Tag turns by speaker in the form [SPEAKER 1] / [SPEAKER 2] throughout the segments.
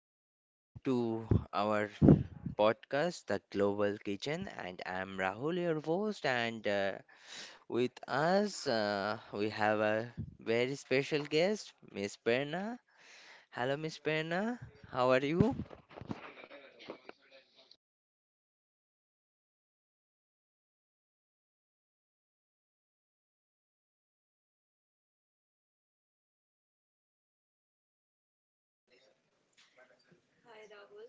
[SPEAKER 1] and welcome to our podcast, The Global Kitchen. And I'm Rahul, your host. And with us, we have a very special guest, Miss Perna. Hello, Miss Perna. How are you?
[SPEAKER 2] Hi Rahul,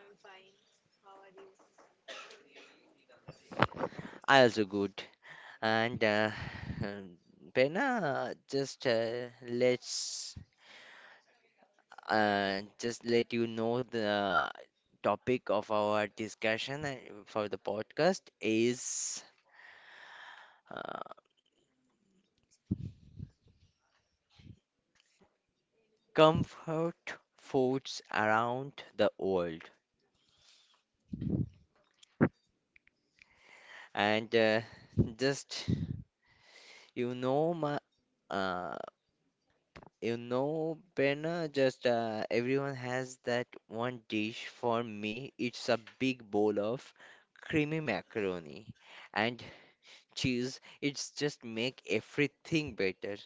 [SPEAKER 2] I'm fine. How are you?
[SPEAKER 1] I also good. And Perna, just let's and just let you know the topic of our discussion for the podcast is uh, comfort foods around the world. And just you know my uh, you know Berna, just everyone has that one dish. For me, it's a big bowl of creamy macaroni and cheese. It's just make everything better.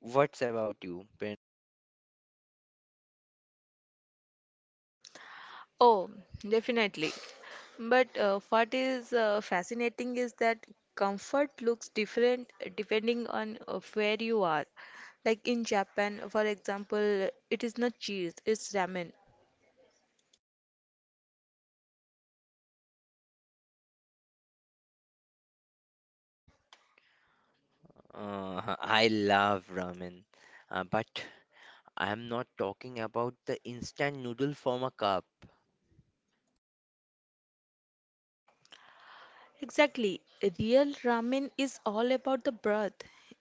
[SPEAKER 1] What's about you, Prin?
[SPEAKER 2] Oh, definitely. But what is fascinating is that comfort looks different depending on where you are. Like in Japan, for example, it is not cheese, it's ramen.
[SPEAKER 1] I love ramen, but I'm not talking about the instant noodle from a cup.
[SPEAKER 2] Exactly. Real ramen is all about the broth.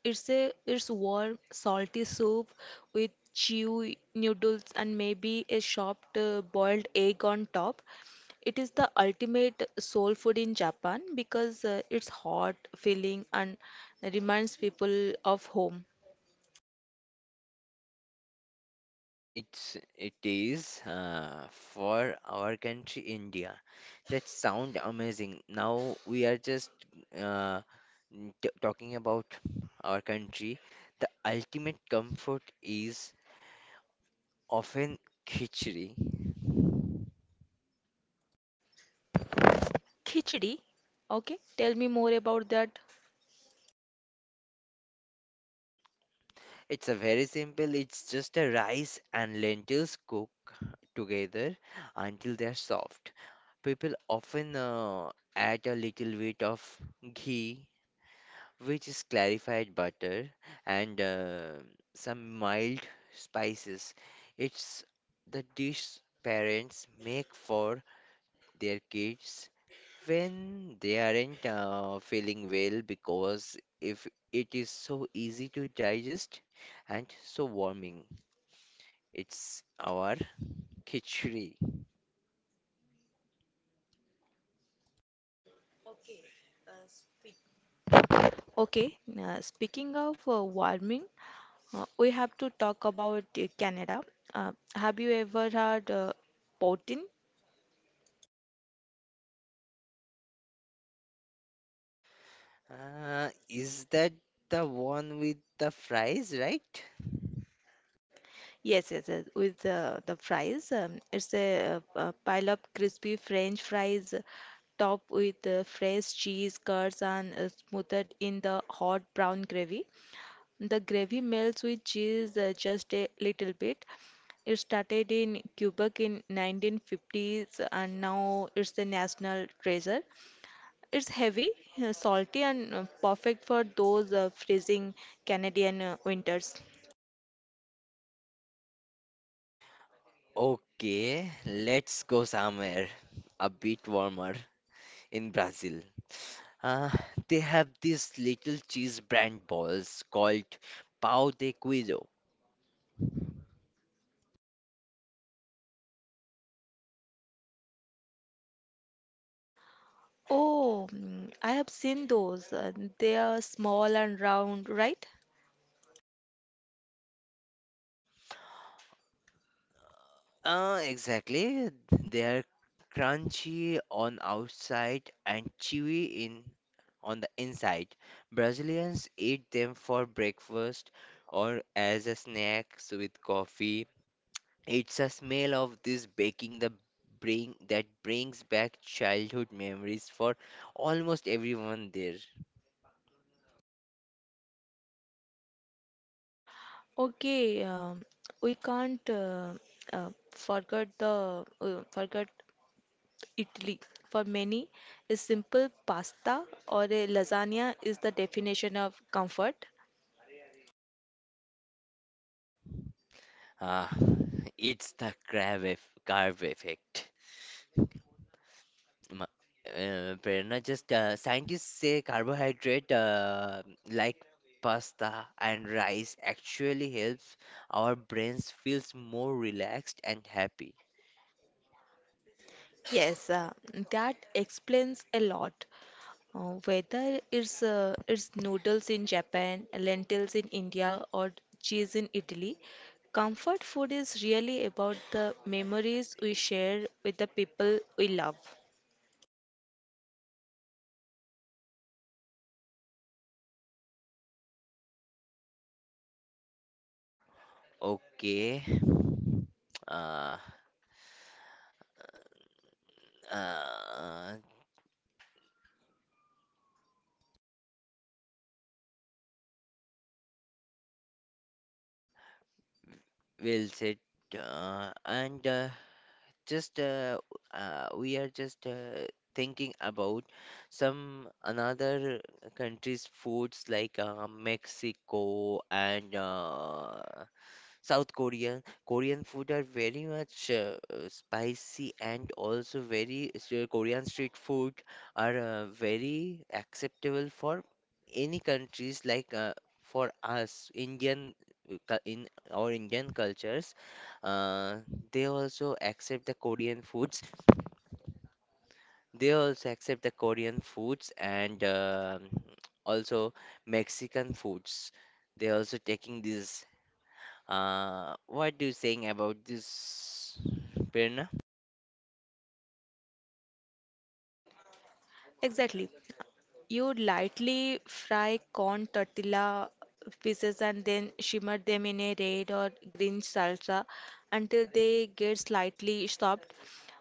[SPEAKER 2] It's warm, salty soup with chewy noodles and maybe a chopped boiled egg on top. It is the ultimate soul food in Japan because it's hot, filling, and reminds people of home.
[SPEAKER 1] It is for our country, India. That sound amazing. Now we are just uh, talking about our country. The ultimate comfort is often khichdi.
[SPEAKER 2] Khichdi. Okay, tell me more about that.
[SPEAKER 1] It's a very simple, it's just a rice and lentils cook together until they're soft. People often add a little bit of ghee, which is clarified butter, and some mild spices. It's the dish parents make for their kids when they aren't feeling well because if it is so easy to digest and so warming it's our khichdi.
[SPEAKER 2] Okay, speaking of warming, we have to talk about Canada. Have you ever had poutine?
[SPEAKER 1] Is that the one with the fries, right?
[SPEAKER 2] Yes, yes, yes, with the fries. It's a pile of crispy French fries topped with fresh cheese, curds, and smothered in the hot brown gravy. The gravy melts with cheese just a little bit. It started in Quebec in 1950s and now it's a national treasure. It's heavy, salty, and perfect for those freezing Canadian winters.
[SPEAKER 1] Okay, let's go somewhere a bit warmer. In Brazil, uh, they have this little cheese brand balls called pão de queijo.
[SPEAKER 2] Oh, mm, I have seen those. They are small and round, right?
[SPEAKER 1] Exactly. They are crunchy on outside and chewy in on the inside. Brazilians eat them for breakfast or as a snack with coffee. It's a smell of this baking the bring that brings back childhood memories for almost everyone there.
[SPEAKER 2] Okay, we can't forget Italy. For many, a simple pasta or a lasagna is the definition of comfort.
[SPEAKER 1] Ah, it's the carb effect. Ma- Prerna, just scientists say carbohydrate like pasta and rice actually helps our brains feels more relaxed and happy.
[SPEAKER 2] Yes, that explains a lot. Uh, whether it's noodles in Japan, lentils in India, or cheese in Italy, comfort food is really about the memories we share with the people we love.
[SPEAKER 1] Okay. Uh, uh, well said. And just we are just thinking about some another countries' foods like Mexico and Korean food are very much spicy and also very so Korean street food are very acceptable for any countries like for us Indian in our Indian cultures. Uh, they also accept the Korean foods. They also accept the Korean foods and also Mexican foods. They also taking this. What do you think about this, Pirna?
[SPEAKER 2] Exactly. You lightly fry corn tortilla pieces and then shimmer them in a red or green salsa until they get slightly soft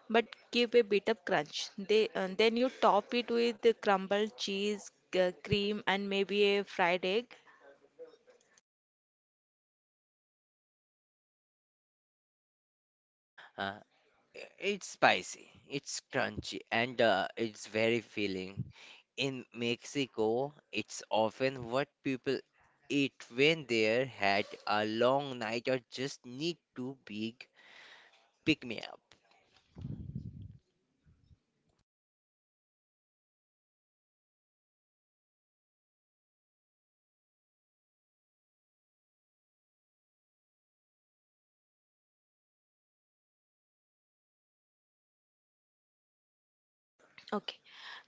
[SPEAKER 2] but give a bit of crunch. They, then you top it with the crumbled cheese, cream, and maybe a fried egg.
[SPEAKER 1] Uh, it's spicy, it's crunchy, and it's very filling. In Mexico, it's often what people eat when they're had a long night or just need to big pick me up.
[SPEAKER 2] Okay,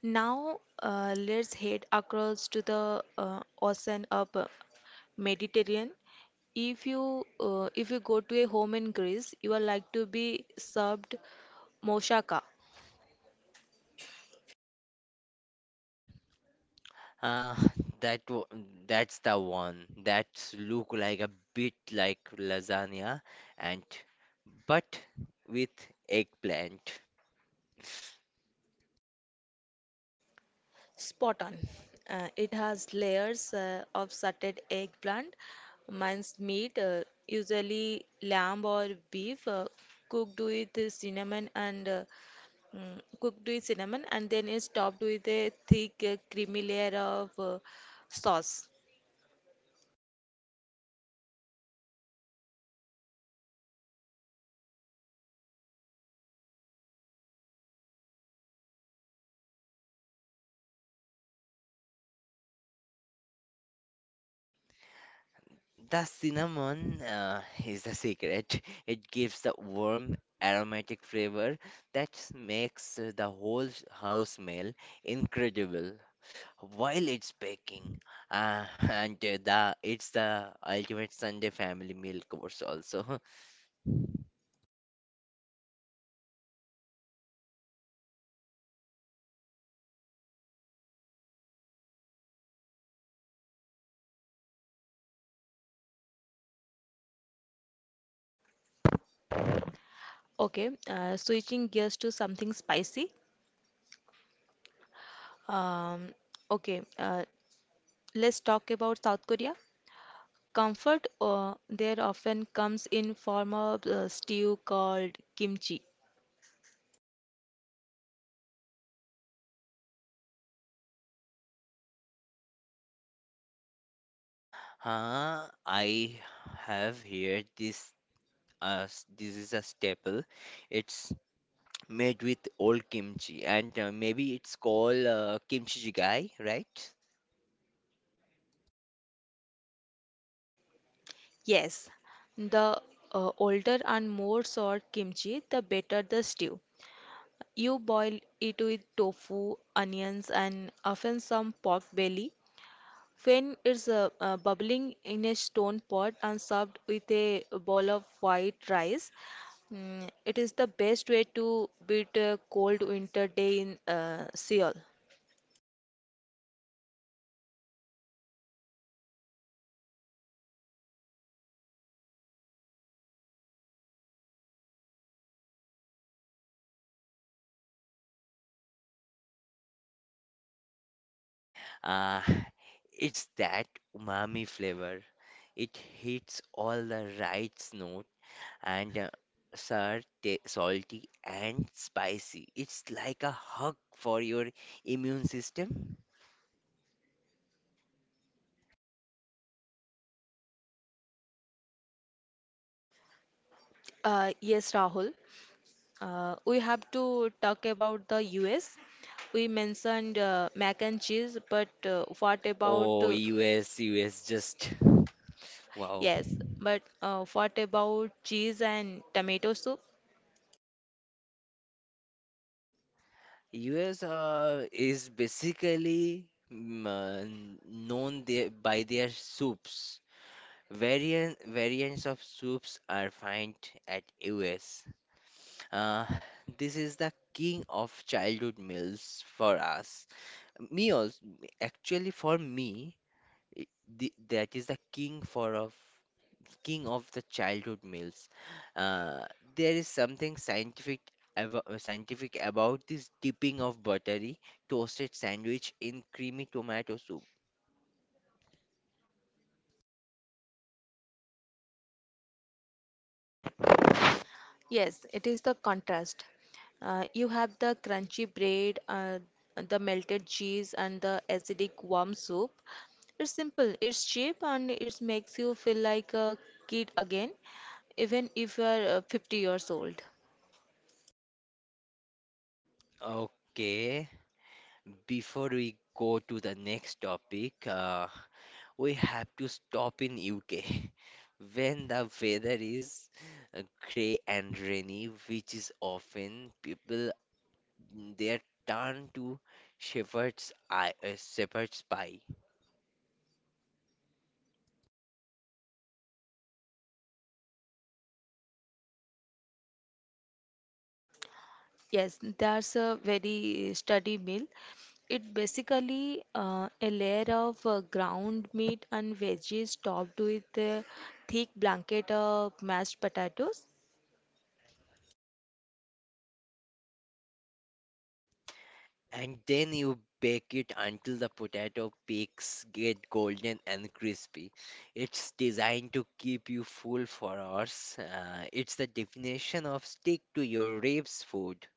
[SPEAKER 2] now let's head across to the ocean of Mediterranean. If you go to a home in Greece, you are like to be served moussaka.
[SPEAKER 1] Uh, that w- that's the one that look like a bit like lasagna and but with eggplant.
[SPEAKER 2] Spot on. It has layers of sauteed eggplant, minced meat, usually lamb or beef, cooked with cinnamon and uh, cooked with cinnamon, and then is topped with a thick creamy layer of sauce.
[SPEAKER 1] The cinnamon is the secret. It gives the warm, aromatic flavor that makes the house smell incredible while it's baking. And the it's the ultimate Sunday family meal course also.
[SPEAKER 2] Okay, switching gears to something spicy. Um, okay, uh, let's talk about South Korea. Comfort there often comes in form of stew called kimchi.
[SPEAKER 1] I have here this. This is a staple. It's made with old kimchi, and maybe it's called kimchi jjigae, right?
[SPEAKER 2] Yes, the older and more sour kimchi, the better the stew. You boil it with tofu, onions, and often some pork belly. When it's bubbling in a stone pot and served with a bowl of white rice, mm, it is the best way to beat a cold winter day in Seoul.
[SPEAKER 1] Uh, it's that umami flavor. It hits all the right note and salty and spicy. It's like a hug for your immune system.
[SPEAKER 2] Yes, Rahul. We have to talk about the US. We mentioned mac and cheese, but what about
[SPEAKER 1] Oh, US, US, just wow.
[SPEAKER 2] yes, but what about cheese and tomato soup?
[SPEAKER 1] US is basically known there by their soups. Variants of soups are found at US. Uh, this is the king of childhood meals for us. Me also, actually for me, i- that is the king of the childhood meals. Uh, there is something scientific about this dipping of buttery toasted sandwich in creamy tomato soup.
[SPEAKER 2] Yes, it is the contrast. You have the crunchy bread, the melted cheese, and the acidic warm soup. It's simple, it's cheap, and it makes you feel like a kid again, even if you are 50 years old.
[SPEAKER 1] Okay, before we go to the next topic, we have to stop in UK. When the weather is uh, grey and rainy, which is often, people they turn to shepherd's pie,
[SPEAKER 2] Yes, that's a very sturdy meal. It basically a layer of ground meat and veggies topped with a thick blanket of mashed potatoes.
[SPEAKER 1] and then you bake it until the potato peaks get golden and crispy. It's designed to keep you full for hours. It's the definition of stick to your ribs food.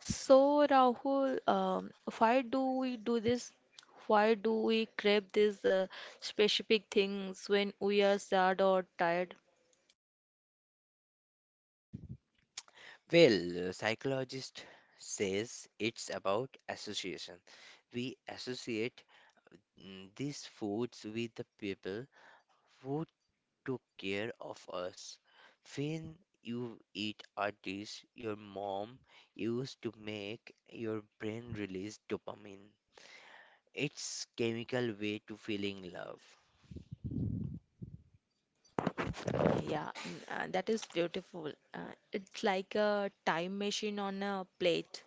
[SPEAKER 2] So, Rahul, why do we do this? Why do we crave these specific things when we are sad or tired?
[SPEAKER 1] Well, psychologist says it's about association. We associate these foods with the people who took care of us. When you eat a dish your mom used to make, your brain release dopamine. It's chemical way to feeling
[SPEAKER 2] Yeah, mm, that is beautiful. It's like a time machine on a plate.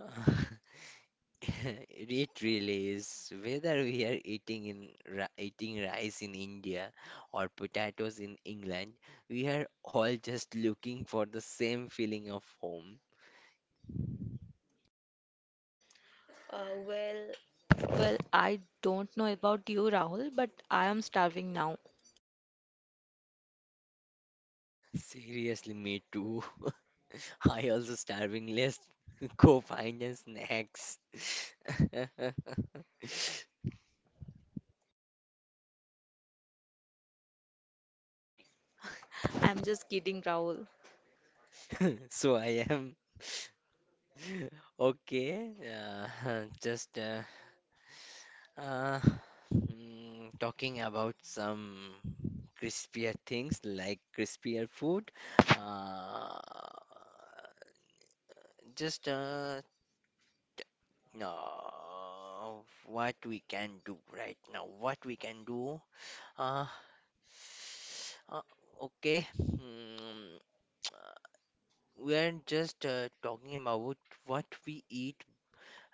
[SPEAKER 1] love. It really is. Whether we are eating eating rice in India or potatoes in England, we are all just looking for the same feeling of home.
[SPEAKER 2] Uh, well, well, I don't know about you, Rahul, but I am starving now.
[SPEAKER 1] Seriously, me too. I also starving. Let's go find a snacks.
[SPEAKER 2] I'm just kidding, Rahul.
[SPEAKER 1] So I am okay. Just Uh, talking about some crispier things like crispier food. Uh, just no, what we can do right now. What we can do. Uh, uh, okay. We are just talking about what we eat,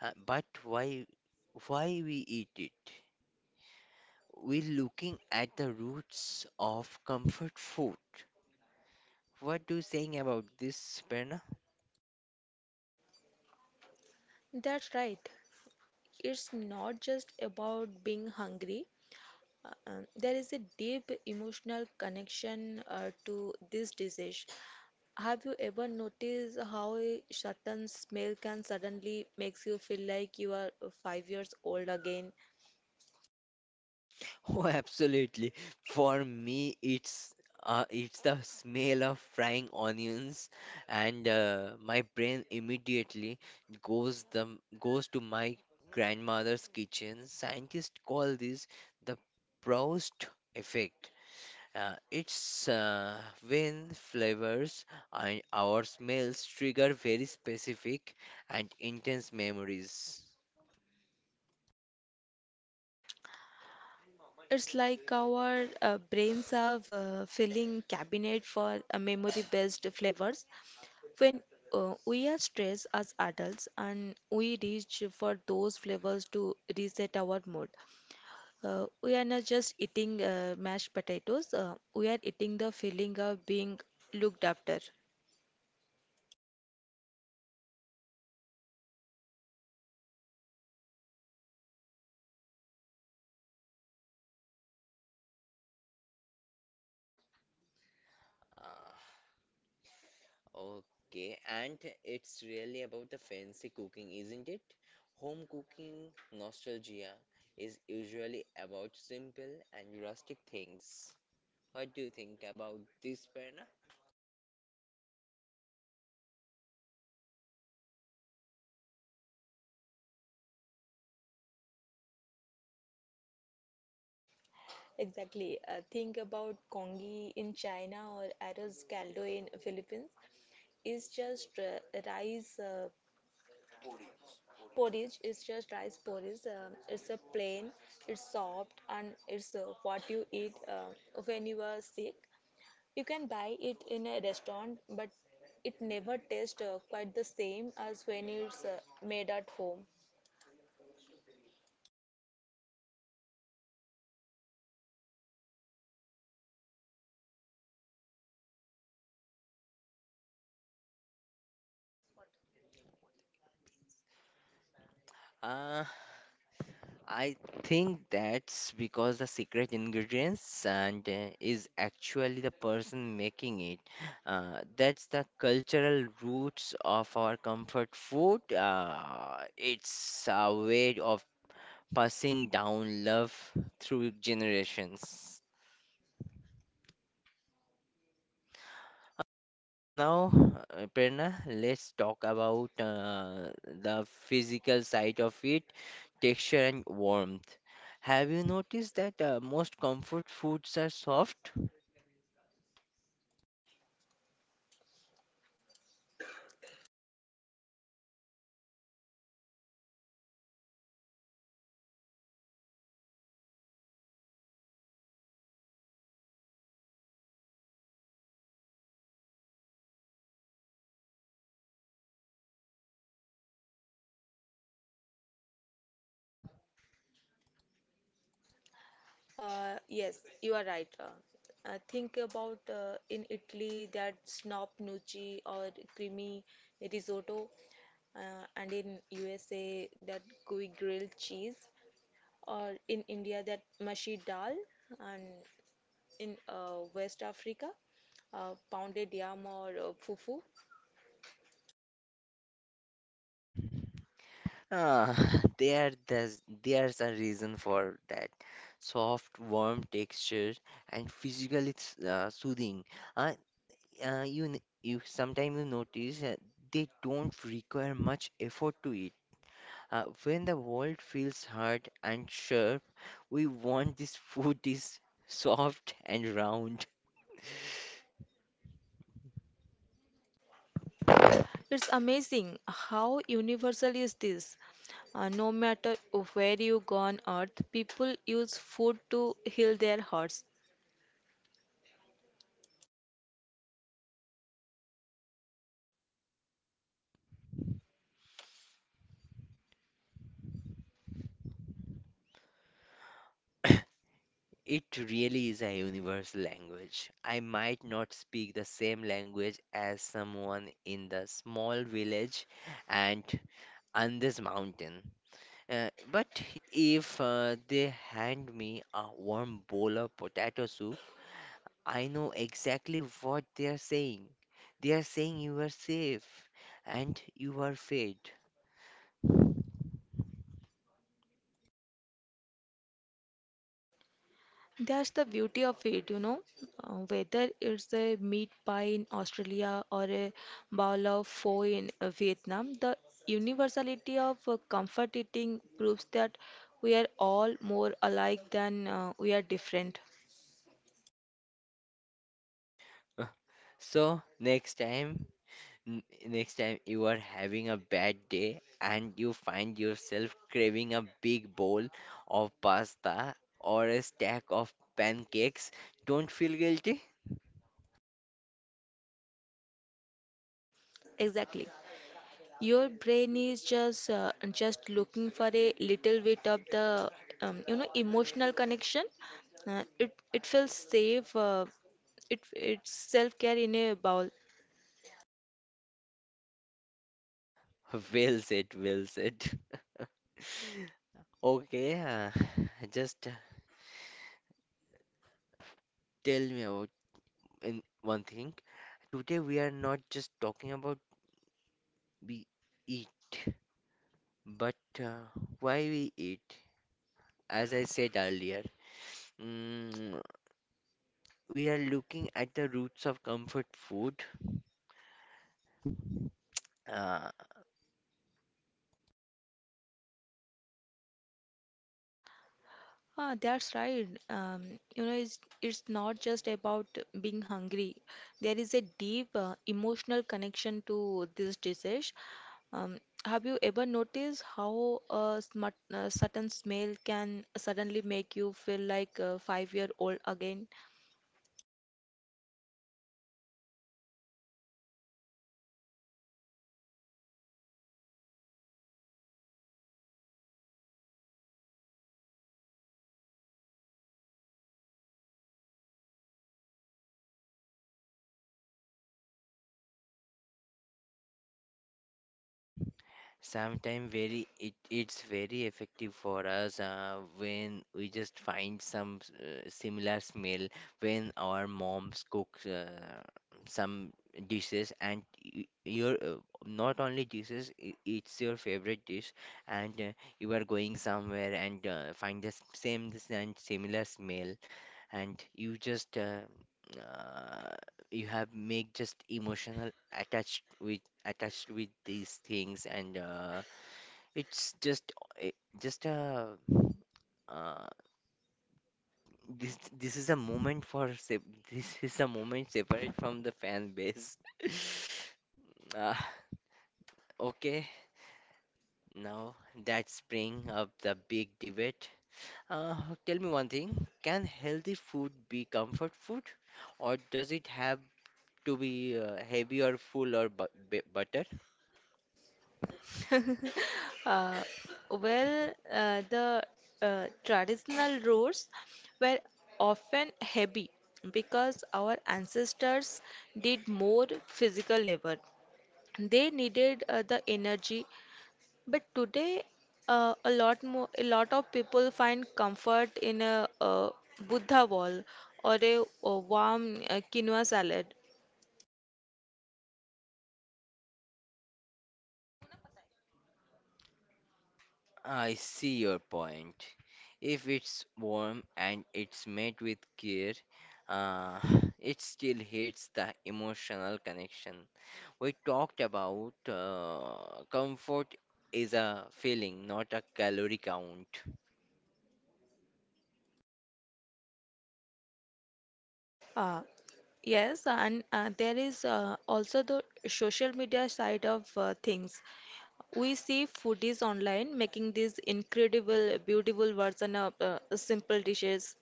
[SPEAKER 1] but why we eat it. We're looking at the roots of comfort food. What do you saying about this, Prerna?
[SPEAKER 2] That's right. It's not just about being hungry. There is a deep emotional connection to this disease. Have you ever noticed how a certain smell can suddenly makes you feel like you are 5 years old again?
[SPEAKER 1] Oh, absolutely. For me, it's the smell of frying onions, and my brain immediately goes the goes to my grandmother's kitchen. Scientists call this the Proust effect. It's When flavors and our smells trigger very specific and intense memories.
[SPEAKER 2] It's like our brains have a filling cabinet for memory-based flavors. When we are stressed as adults and we reach for those flavors to reset our mood, we are not just eating mashed potatoes, we are eating the feeling of being looked after.
[SPEAKER 1] Uh, okay, and it's really about the fancy cooking, isn't it? Home cooking nostalgia is usually about simple and rustic things. What do you think about this, Prerna?
[SPEAKER 2] Exactly. Think about congee in China or arroz caldo in Philippines. It's just rice porridge. It's just rice porridge. It's a plain. It's soft and it's what you eat when you are sick. You can buy it in a restaurant, but it never tastes quite the same as when it's made at home.
[SPEAKER 1] I think that's because the secret ingredients and is actually the person making it. That's the cultural roots of our comfort food. It's a way of passing down love through generations. Uh, Now, Prerna, let's talk about the physical side of it, texture and warmth. Have you noticed that most comfort foods are soft?
[SPEAKER 2] Yes, you are right. Think about in Italy that snop noci or creamy risotto, and in USA that gooey grilled cheese, or in India that mashi dal, and in West Africa pounded yam or fufu.
[SPEAKER 1] Ah, there's a reason for that. Soft, warm texture and soothing. Uh, you sometimes you notice they don't require much effort to eat. When the world feels hard and sharp, we want this food is soft and round.
[SPEAKER 2] It's amazing how universal is this. No matter where you go on earth, people use food to heal their hearts.
[SPEAKER 1] It really is a universal language. I might not speak the same language as someone in the small village and on this mountain. But if they hand me a warm bowl of potato soup, I know exactly what they are saying. They are saying you are safe and you are fed.
[SPEAKER 2] That's the beauty of it, you know. Whether it's a meat pie in Australia or a bowl of pho in Vietnam, the universality of comfort eating proves that we are all more alike than we are different.
[SPEAKER 1] So, next time. N- Next time you are having a bad day and you find yourself craving a big bowl of pasta or a stack of pancakes, don't feel guilty.
[SPEAKER 2] Exactly. Your brain is just looking for a little bit of the emotional connection. It feels safe. It's self care in a bowl.
[SPEAKER 1] Well said, well said. Okay, just tell me about in one thing. Today we are not just talking about we eat, but uh, why we eat. As I said earlier, mm, we are looking at the roots of comfort food. Uh,
[SPEAKER 2] Ah, that's right. You know, it's not just about being hungry. There is a deep emotional connection to this dish. Um, have you ever noticed how a certain smell can suddenly make you feel like a five-year-old again?
[SPEAKER 1] Sometimes very it's very effective for us when we just find some similar smell when our moms cook some dishes and your not only dishes I- it's your favorite dish and you are going somewhere and find the s- same s- and similar smell and you just uh, you have make just emotional attached with these things and it's just it, just a uh, this this is a moment for this is a moment separate from the fan base. uh, okay, now that's bring up the big debate. uh, Tell me one thing, can healthy food be comfort food or does it have to be heavy or full or butter?
[SPEAKER 2] Uh, well, the traditional roads were often heavy because our ancestors did more physical labor. They needed the energy, but today a lot of people find comfort in a buddha wall or a warm quinoa salad.
[SPEAKER 1] I see your point. If it's warm and it's made with care, uh, it still hits the emotional connection. We talked about comfort is a feeling, not a calorie count.
[SPEAKER 2] uh, yes, and there is also the social media side of things. We see foodies online making these incredible beautiful version of simple dishes.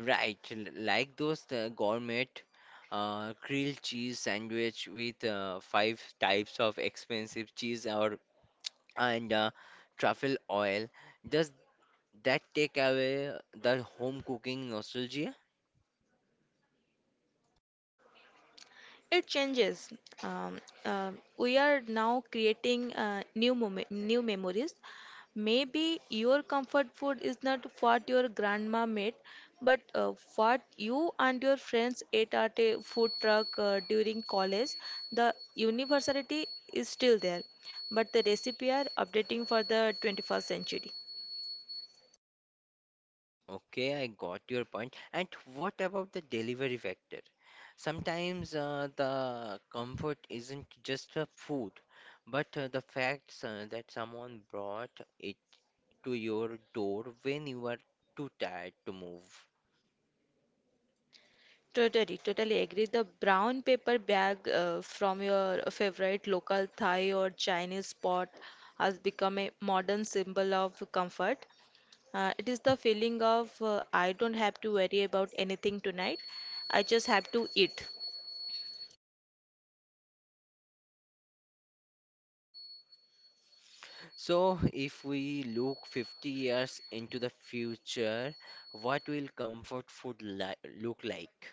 [SPEAKER 1] Right, like those gourmet grilled cheese sandwich with five types of expensive cheese or and truffle oil. Does that take away the home cooking nostalgia?
[SPEAKER 2] It changes. Um, we are now creating new memories. Maybe your comfort food is not what your grandma made, but what you and your friends ate at a food truck during college. The universality is still there, but the recipe are updating for the 21st century.
[SPEAKER 1] Okay, I got your point. And what about the delivery factor? Sometimes the comfort isn't just the food, but the facts that someone brought it to your door when you are too tired to move.
[SPEAKER 2] Totally, totally agree. The brown paper bag from your favorite local Thai or Chinese spot has become a modern symbol of comfort. It is the feeling of I don't have to worry about anything tonight. I just have to eat.
[SPEAKER 1] So, if we look 50 years into the future, what will comfort food li look like?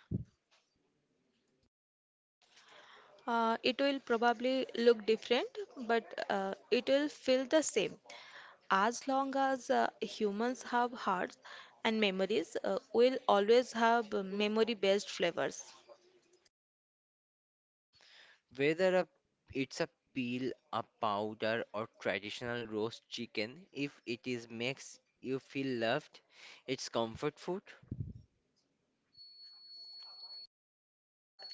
[SPEAKER 2] It will probably look different, but it will feel the same. As long as humans have hearts and memories, we'll always have memory-based flavors.
[SPEAKER 1] Whether it's a peel, a powder, or traditional roast chicken, if it is makes you feel loved, it's comfort food.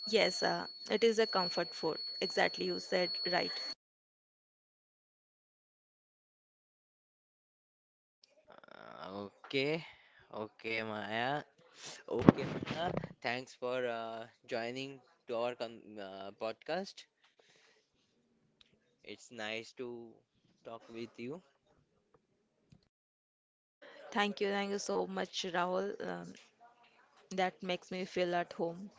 [SPEAKER 2] Yes, it is a comfort food. Exactly, you said right.
[SPEAKER 1] Okay, okay, Maya. Okay, Maya. Thanks for joining to our podcast. It's nice to talk with you.
[SPEAKER 2] Thank you so much, Rahul. That makes me feel at home.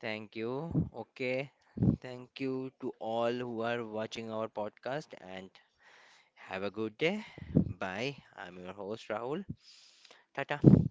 [SPEAKER 1] Thank you. Okay. Thank you to all who are watching our podcast and have a good day. Bye. I'm your host, Rahul. Tata.